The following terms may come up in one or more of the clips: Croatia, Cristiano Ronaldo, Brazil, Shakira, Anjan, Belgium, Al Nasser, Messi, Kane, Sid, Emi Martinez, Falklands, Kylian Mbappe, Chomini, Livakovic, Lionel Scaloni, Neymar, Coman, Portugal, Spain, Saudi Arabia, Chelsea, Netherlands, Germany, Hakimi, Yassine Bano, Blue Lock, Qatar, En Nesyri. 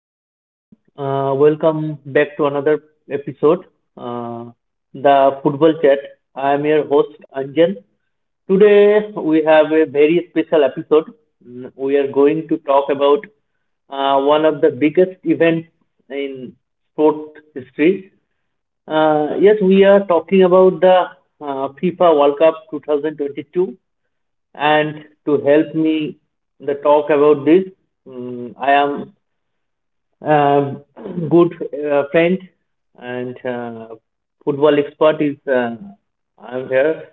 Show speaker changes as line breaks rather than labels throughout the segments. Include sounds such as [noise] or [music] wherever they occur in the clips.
Hello, everyone. Welcome back to another episode, uh, the Football Chat. I am your host, Anjan. Today, we have a very special episode. Mm, we are going to talk about one of the biggest events in sport history. Yes, we are talking about the FIFA World Cup 2022. And to help me in the talk about this, I am um good friend and football expert is I'm here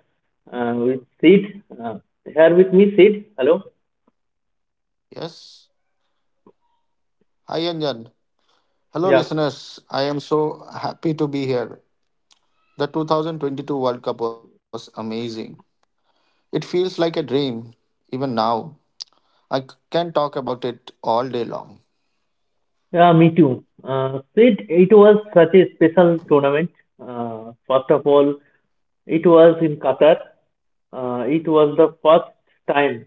uh, with Sid. Uh, here with me, Sid. Hello.
Yes. Hi, Anjan. Hello,
Yeah.
listeners. I am so happy to be here. The 2022 World Cup was amazing. It feels like a dream, even now. I can talk about it all day long.
Yeah, me too. Sid, it was such a special tournament. First of all, it was in Qatar. It was the first time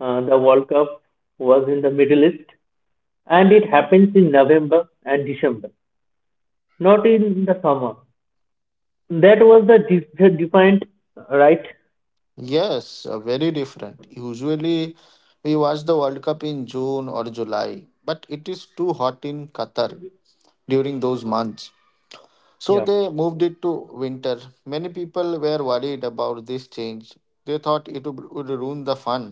the World Cup was in the Middle East, and it happens in November and December, not in the summer. That was the defiant, right?
Yes, very different. Usually, we watch the World Cup in June or July, but it is too hot in Qatar during those months. So
Yeah.
they moved it to winter. Many people were worried about this change. They thought it would ruin the fun.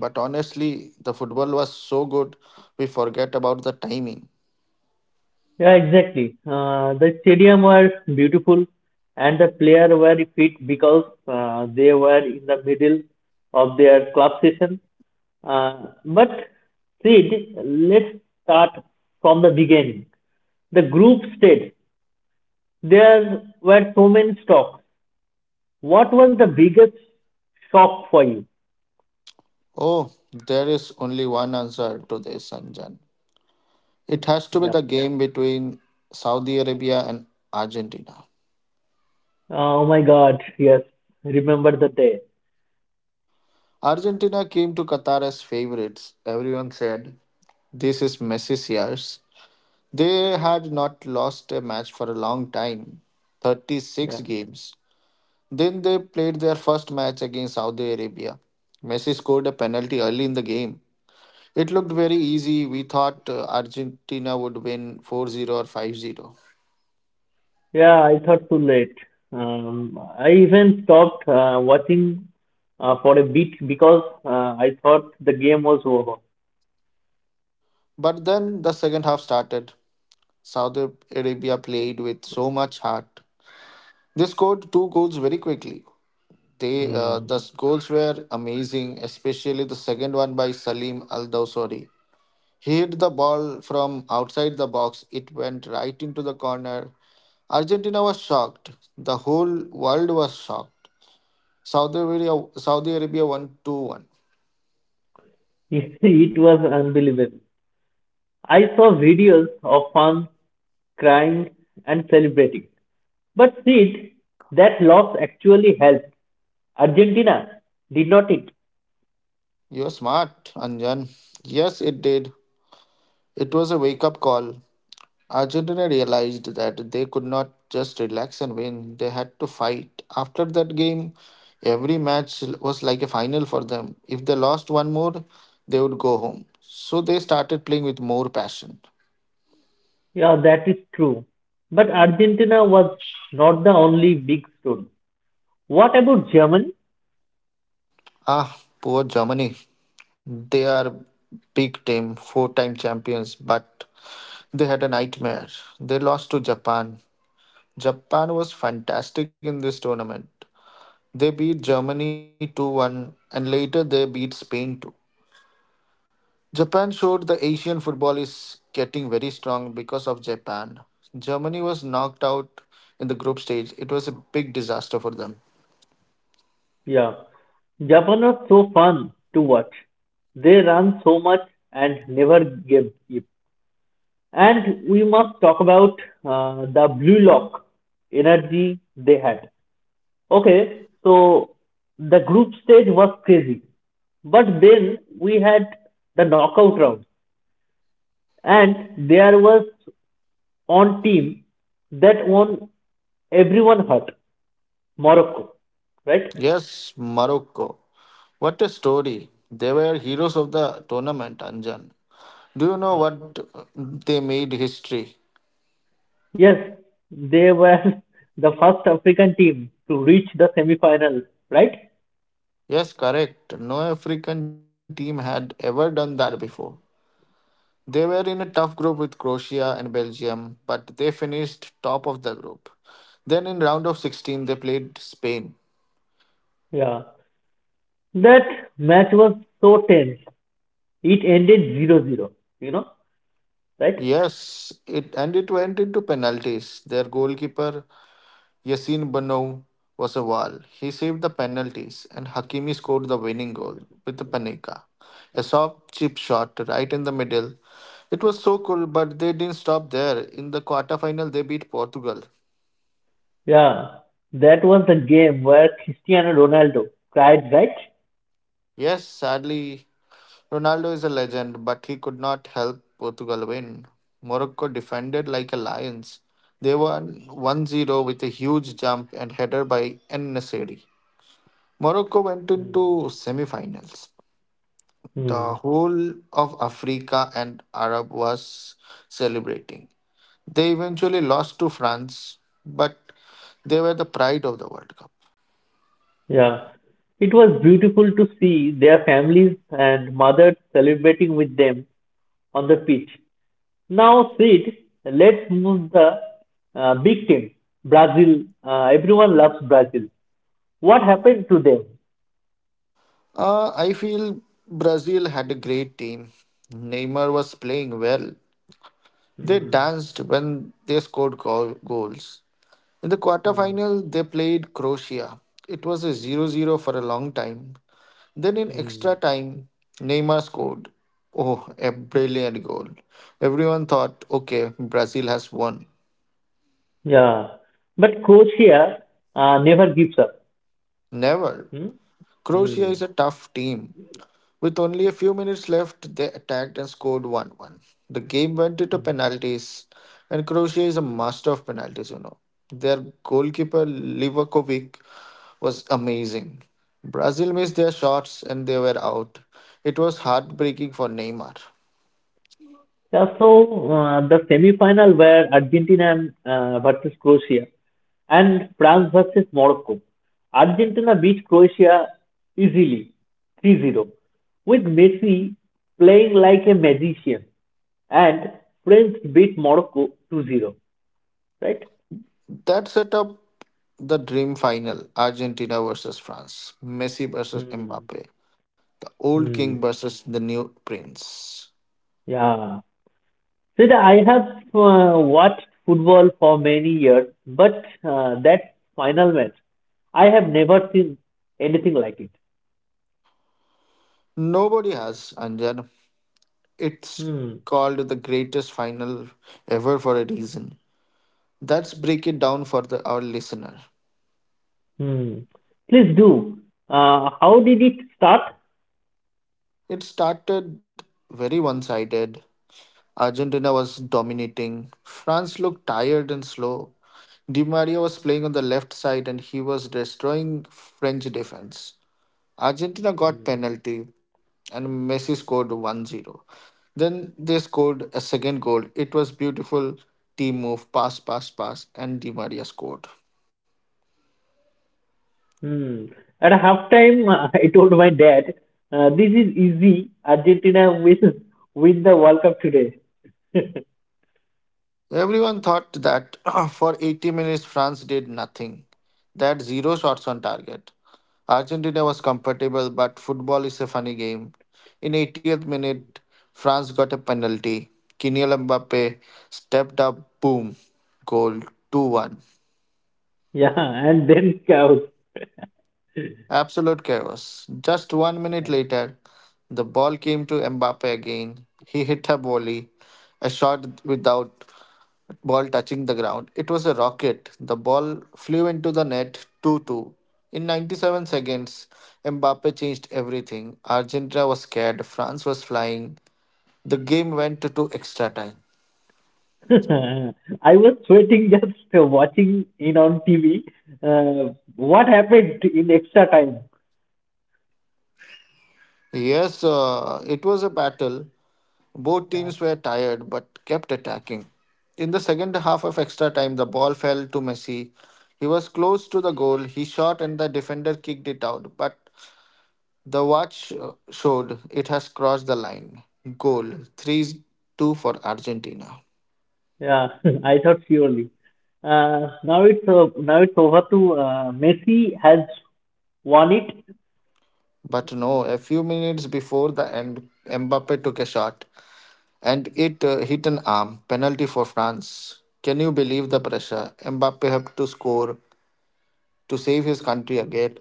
But honestly, the football was so good, we forget about the timing.
Yeah, exactly. The stadium were beautiful, and the player were fit because they were in the middle of their club session. But Sid, let's start from the beginning. The group stage. There were so many stocks. What was the biggest shock for you?
Oh, there is only one answer to this, Sanjan. It has to be
Yeah.
the game between Saudi Arabia and Argentina.
Oh my God. Yes. Remember the day.
Argentina came to Qatar as favorites. Everyone said, "This is Messi's years." They had not lost a match for a long time, 36
Yeah.
games. Then they played their first match against Saudi Arabia. Messi scored a penalty early in the game. It looked very easy. We thought Argentina would win 4-0 or 5-0.
Yeah, I thought too late. I even stopped watching for a bit because I thought the game was over.
But then the second half started. Saudi Arabia played with so much heart. They scored two goals very quickly. They, uh,
Hmm. [laughs]
the goals were amazing, especially the second one by Salim Al Dawsari. He hit the ball from outside the box. It went right into the corner. Argentina was shocked. The whole world was shocked. Saudi Arabia won 2-1.
It was unbelievable. I saw videos of fans crying and celebrating. But see, that loss actually helped Argentina, did not it?
You're smart, Anjan. Yes, it did. It was a wake up call. Argentina realized that they could not just relax and win, they had to fight. After that game, every match was like a final for them. If they lost one more, they would go home. So they started playing with more passion.
Yeah, that is true. But Argentina was not the only big story. What about Germany?
Ah, poor Germany. They are big team, four-time champions, but they had a nightmare. They lost to Japan. Japan was fantastic in this tournament. They beat Germany 2-1 and later they beat Spain 2. Japan showed the Asian football is getting very strong because of Japan. Germany was knocked out in the group stage. It was a big disaster for them.
Yeah. Japan was so fun to watch. They ran so much and never gave up. And we must talk about the Blue Lock energy they had. Okay, so the group stage was crazy. But then we had the knockout round, and there was one team that won everyone hurt, Morocco, right?
Yes, Morocco. What a story. They were heroes of the tournament, Anjan. Do you know
Yeah.
what they made history?
Yes, they were [laughs] the first African team to reach the semi-final, right?
Yes, correct. No African team had ever done that before. They were in a tough group with Croatia and Belgium, but they finished top of the group. Then in round of 16 they played Spain.
Yeah. That match was so tense. It ended zero-zero. you know, right?
Yes, it and it went into penalties. Their goalkeeper Yassine Bano was a wall. He saved the penalties and Hakimi scored the winning goal with the Panenka, a soft chip shot right in the middle. It was so cool, but they didn't stop there. In the quarterfinal they beat Portugal.
Yeah. That was the game where Cristiano Ronaldo cried, right?
Yes, sadly, Ronaldo is a legend, but he could not help Portugal win. Morocco defended like a lions. They won 1-0 with a huge jump and header by En Nesyri. Morocco went into
Hmm.
semi-finals.
Hmm.
The whole of Africa and Arab was celebrating. They eventually lost to France, but they were the pride of the World Cup.
Yeah. It was beautiful to see their families and mothers celebrating with them on the pitch. Now, Sid, let's move the big team. Brazil. Everyone loves Brazil. What happened to them?
I feel Brazil had a great team. Neymar was playing well. They
Hmm,
danced when they scored goals. In the
hmm,
quarterfinal, they played Croatia. It was a zero-zero for a long time. Then, in extra
hmm.
time, Neymar scored. Oh, a brilliant goal. Everyone thought, okay, Brazil has won.
Yeah. But Croatia never gives up.
Never.
Hmm,
Croatia is
hmm,
a tough team. With only a few minutes left, they attacked and scored 1-1. The game went into
hmm.
penalties, and Croatia is a master of penalties, you know. Their goalkeeper, Livakovic, was amazing. Brazil missed their shots and they were out. It was heartbreaking for Neymar.
Yeah, so the semi-final were Argentina and, versus Croatia and France versus Morocco. Argentina beat Croatia easily, 3-0, with Messi playing like a magician. And France beat Morocco 2-0, right?
That set up the dream final: Argentina versus France, Messi versus
Hmm.
Mbappe, the old king
Hmm.
versus the new prince.
Yeah. I have watched football for many years, but that final match, I have never seen anything like it.
Nobody has, Anjan. It's
Hmm.
called the greatest final ever for a reason. Let's break it down for our listener.
Hmm. Please do. How did it start?
It started very one sided. Argentina was dominating. France looked tired and slow. Di Maria was playing on the left side and he was destroying French defense. Argentina got
Hmm.
penalty and Messi scored 1-0. Then they scored a second goal. It was beautiful team move: pass, pass, pass, and Di Maria scored.
Hmm. At halftime, [laughs] I told my dad, "This is easy. Argentina will [laughs] win the World Cup today." [laughs]
Everyone thought that [clears throat] for 80 minutes France did nothing. That zero shots on target. Argentina was comfortable, but football is a funny game. In 80th minute, France got a penalty. Kylian Mbappe stepped up, boom, goal 2-1.
Yeah. And then chaos.
Absolute chaos. Just one minute later, the ball came to Mbappe again. He hit a volley, a shot without ball touching the ground. It was a rocket. The ball flew into the net 2-2. In 97 seconds, Mbappe changed everything. Argentina was scared, France was flying. The game went to extra time.
[laughs] I was sweating just watching it on TV. What happened in extra time?
Yes, it was a battle. Both
Yeah,
teams were tired but kept attacking. In the second half of extra time, the ball fell to Messi. He was close to the goal. He shot and the defender kicked it out, but the watch showed it has crossed the line. Goal, 3-2 for Argentina.
yeah. [laughs] I thought surely. Now it's over to Messi has won it.
But no, a few minutes before the end, Mbappe took a shot and it hit an arm. Penalty for France. Can you believe the
Mm,
pressure? Mbappe had to score to save his country
mm,
again.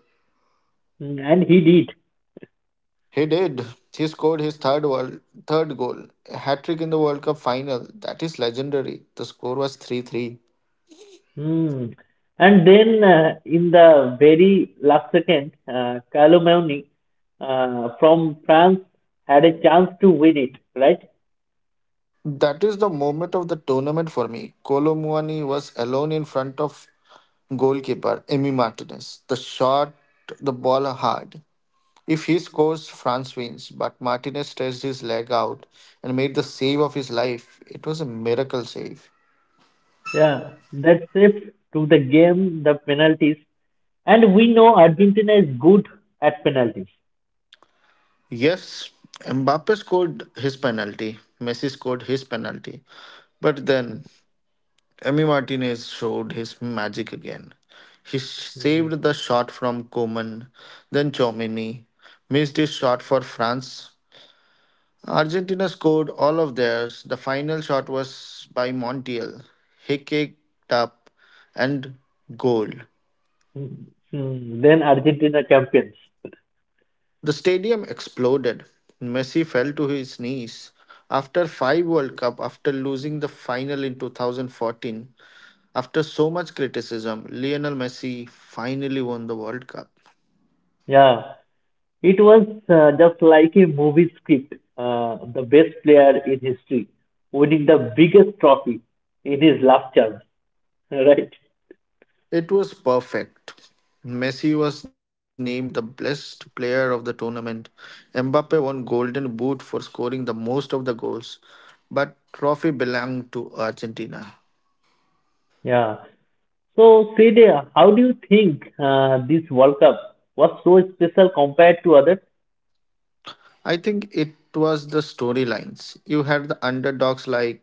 mm, and he did.
He did. He scored his third goal, a hat trick in the World Cup final. That is legendary. The score was 3-3.
Mm. And then in the very last second, Calumny from France had a chance to win it, right?
That is the moment of the tournament for me. Kolo Muani was alone in front of goalkeeper Emi Martinez. The shot, the ball hard. If he scores, France wins. But Martinez stretched his leg out and made the save of his life. It was a miracle save.
Yeah, that shift to the game, the penalties, and we know Argentina is good at penalties.
Yes, Mbappe scored his penalty. Messi scored his penalty. But then Emi Martinez showed his magic again. He
Hmm.
saved the shot from Coman, then Chomini missed his shot for France. Argentina scored all of theirs. The final shot was by Montiel. He kicked up and goal.
Hmm. Then Argentina champions.
The stadium exploded. Messi fell to his knees. After five World Cup, after losing the final in 2014, after so much criticism, Lionel Messi finally won the World Cup.
Yeah, it was just like a movie script. The best player in history winning the biggest trophy in his last chance, [laughs] right?
It was perfect. Messi was named the best player of the tournament. Mbappe won Golden Boot for scoring the most of the goals, but trophy belonged to Argentina.
Yeah. So, Sede, how do you think this World Cup was so special compared to
I think it was the storylines. You had the underdogs like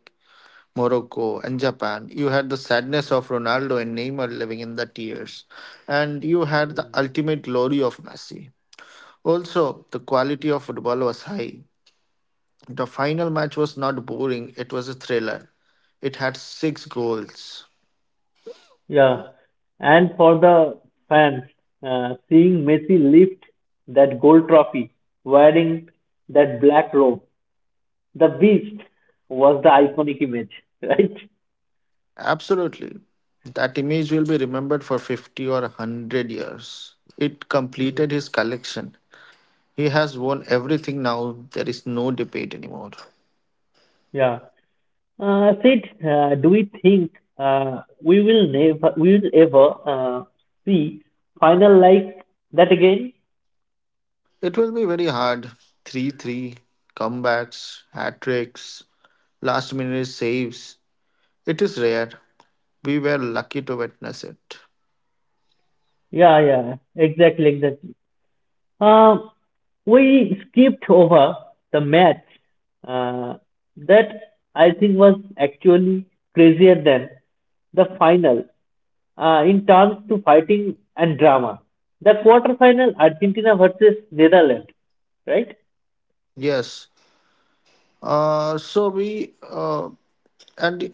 Morocco and Japan, you had the sadness of Ronaldo and Neymar living in the tears, and you had the
others?
ultimate glory of Messi. Also, the quality of football was high. The final match was not boring, it was a thriller. It had six goals.
Yeah, and for the fans, seeing Messi lift that gold trophy, wearing that black robe, the beast was the iconic image, [laughs] right?
Absolutely. That image will be remembered for 50 or 100 years. It completed
Mm.
his collection. He has won everything now, there is no debate anymore.
Yeah. Sid, do we think we will never, we will ever uh, see final like that again?
It will be very hard. 3-3 comebacks, hat tricks, last minute saves. It is rare. We were lucky to witness it.
Yeah, yeah, exactly, exactly. Um, we skipped over the match uh, that I think was actually crazier than the final in terms to fighting and drama. The quarterfinal, Argentina versus Netherlands, right?
Yes. Uh, so we uh, and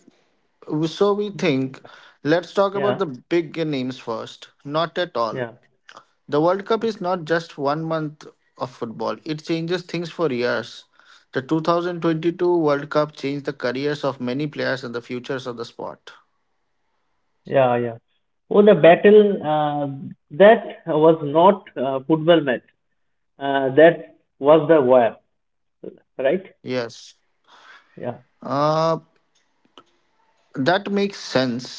so we think. Let's talk about
Yeah,
the big names first. Not at all.
yeah,
The World Cup is
okay,
not just one month of football. It changes things for years. The 2022 World Cup changed the careers of many players and the futures of the sport.
yeah, yeah. Oh, the battle that was not football match. That was the war, right?
Yes.
Yeah,
Uh, that makes sense.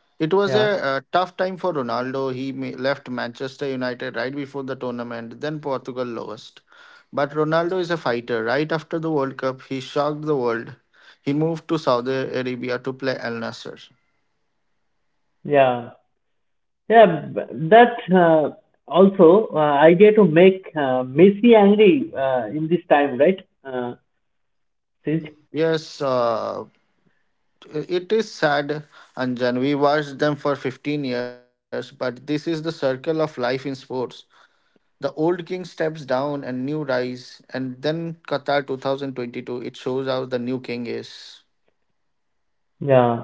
It was a,
yeah,
uh tough time for Ronaldo. He left Manchester United right before the tournament, then Portugal lost. But Ronaldo is a fighter. Right after the World Cup, he shocked the world. He moved to Saudi Arabia to play Al Nasser.
yeah. Yeah, b- that also idea to make Messi angry in this time, right? Sid?
Yes, it is sad, Anjan. We watched them for 15 years, but this is the circle of life in sports. The old king steps down and new rise, and then Qatar 2022, it shows how the new king is.
Yeah.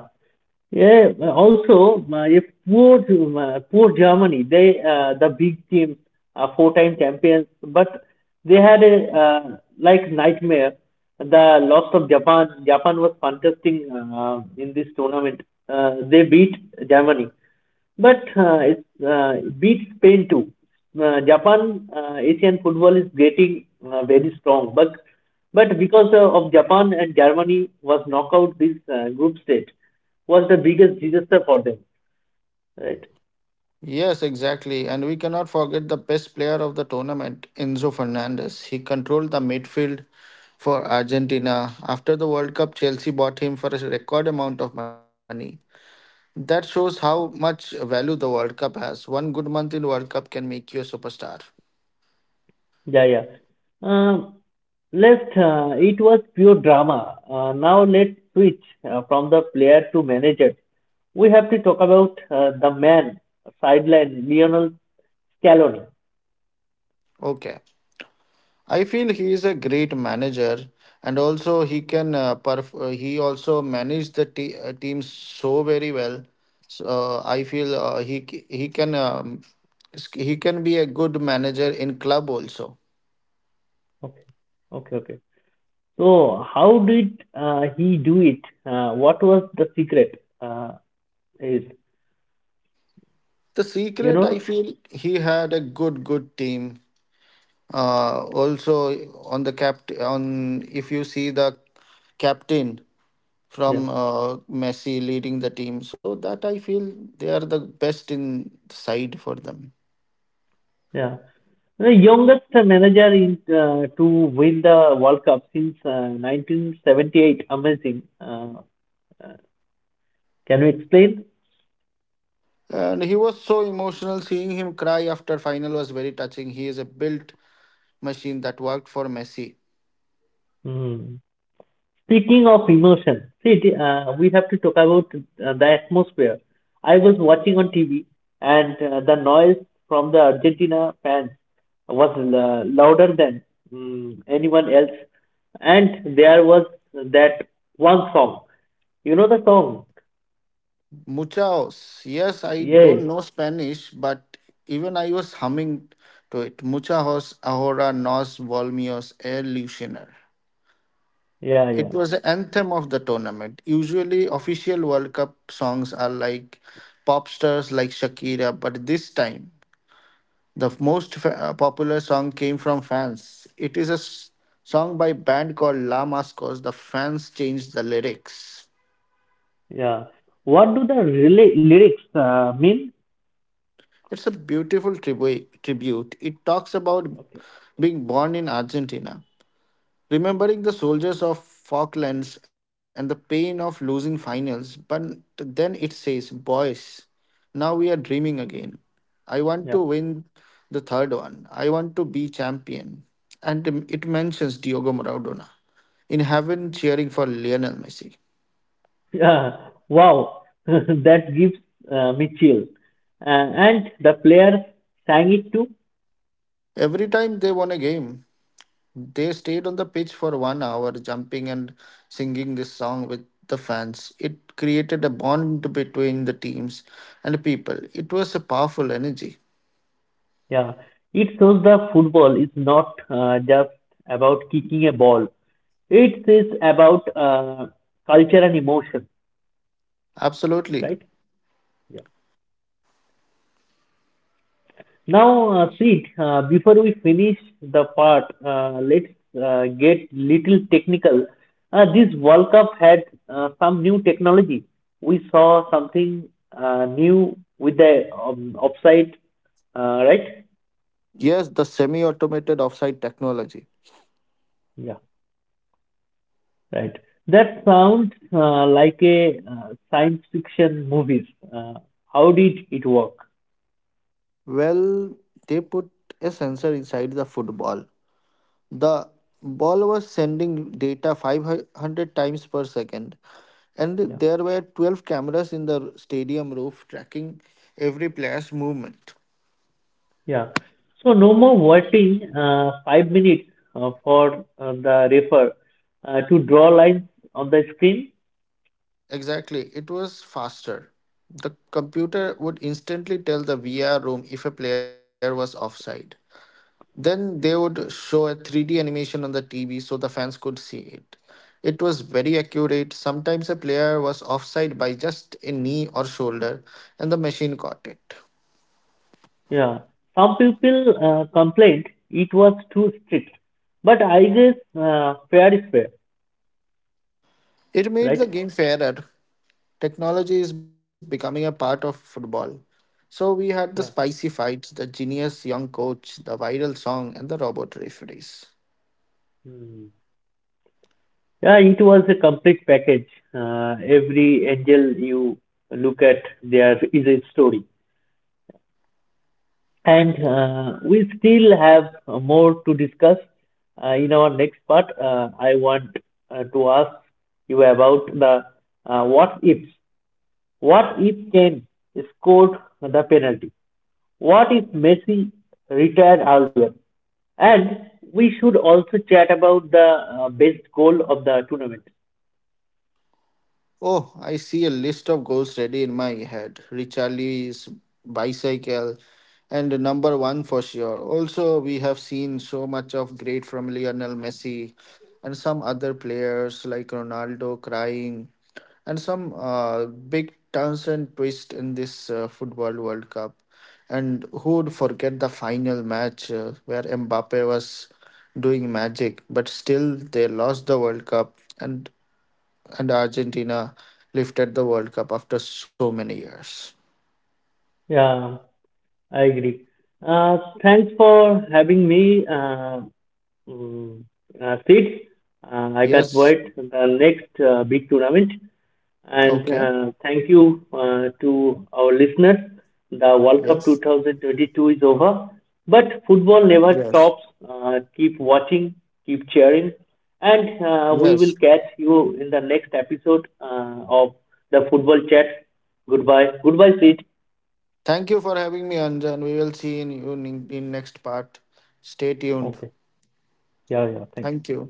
Yeah. Also, if poor poor Germany, they the big team, four-time champions, but they had a like nightmare. The loss of Japan. Japan was contesting in this tournament. They beat Germany, but it beat Spain too. Japan Asian football is getting very strong, but because of Japan and Germany was knockout this group stage was the biggest disaster for them, right?
Yes, exactly. And we cannot forget the best player of the tournament, Enzo Fernandez. He controlled the midfield for Argentina. After the World Cup, Chelsea bought him for a record amount of money. That shows how much value the World Cup has. One good month in World Cup can make you a superstar.
Yeah, yeah. Um, let it was pure drama. Now let's switch from the player to manager. We have to talk about the man sideline, Lionel Scaloni.
Okay. I feel he is a great manager, and also he also manage the team so very well. So I feel he c- he can sk- he can be a good manager in club also.
Okay, okay, okay. So how did he do it? What was the secret? Is
The
you
secret I
know?
feel he had a good team. Also, on the capt on if you see the captain
Yeah,
from Messi leading the team, so that I feel they are the best in the side for them.
yeah. The youngest manager in to win the World Cup since 1978. Amazing. Uh, can you explain?
And he was so emotional seeing him cry after final was very touching. He is a built machine that worked for Messi.
Hmm. Speaking of emotion, see, we have to talk about the atmosphere. I was watching on TV, and the noise from the Argentina fans was louder than anyone else. And there was that one song. You know the song?
Muchos. Yes, I don't
Yes.
know Spanish, but even I was humming to it. Muchos ahora nos volmios ilusionar.
Yeah, yeah.
It was the anthem of the tournament. Usually, official World Cup songs are like pop stars like Shakira, but this time the most popular song came from fans. It is a song by band called La Mascos. The fans changed the lyrics.
Yeah. What do lyrics mean?
It's a beautiful tribute. It talks about
Okay.
being born in Argentina, remembering the soldiers of Falklands and the pain of losing finals. But then it says, "Boys, now we are dreaming again. I want to
Yeah.
win the third one. I want to be champion." And it mentions Diogo Maradona in heaven cheering for Lionel Messi.
Yeah. Wow. [laughs] That gives me chill. And the players sang it too.
Every time they won a game, they stayed on the pitch for one hour, jumping and singing this song with the fans. It created a bond between the teams and the people. It was a powerful energy.
Yeah. It shows the football is not just about kicking a ball. It is about culture and emotion,
Absolutely.
right? Now, Preet, before we finish the part, let's get little technical. This World Cup had some new technology. We saw something new with the offside, right?
Yes, the semi automated offside technology.
Yeah, right. That sounds like a science fiction movies. How did it work?
Well, they put a sensor inside the football. The ball was sending data 500 times per second, and there were 12 cameras in the stadium roof tracking every player's movement.
Yeah. So no more waiting 5 minutes for the refer to draw lines on the screen.
Exactly, it was faster. The computer would instantly tell the VR room if a player was offside. Then they would show a 3D animation on the TV so the fans could see it. It was very accurate. Sometimes a player was offside by just a knee or shoulder, and the machine caught it.
Yeah. Some people complained it was too strict, but I guess fair is fair,
It made the
right?
game fairer. Technology is becoming a part of football. So we had the spicy
Yeah.
fights, the genius young coach, the viral song, and the robot referees.
Hmm. Yeah, it was a complete package. Every angel you look at, there is a story. And we still have more to discuss in our next part. I want to ask you about the what ifs. What if Kane scored the penalty? What if Messi retired earlier? And we should also chat about the best goal of the tournament.
Oh, I see a list of goals ready in my head. Richarlie's bicycle and number one for sure. Also, we have seen so much of great from Lionel Messi and some other players like Ronaldo crying and some big turns and twist in this football World Cup. And who would forget the final match where Mbappe was doing magic, but still they lost the World Cup. And Argentina lifted the World Cup after so many years.
Yeah, I agree. Uh, Thanks for having me, mm, Sid. I can't
Yes.
wait the next big tournament. And
Okay.
thank you to our listeners. The World Cup
Yes.
2022 is over, but football never
Yes.
stops. Keep watching, keep cheering, and we
Yes.
will catch you in the next episode of the Football Chat. Goodbye. Goodbye, Sid.
Thank you for having me, Anjan. We will see in you in next part. Stay tuned.
Okay. Yeah, yeah.
Thank
Thank
you.
you.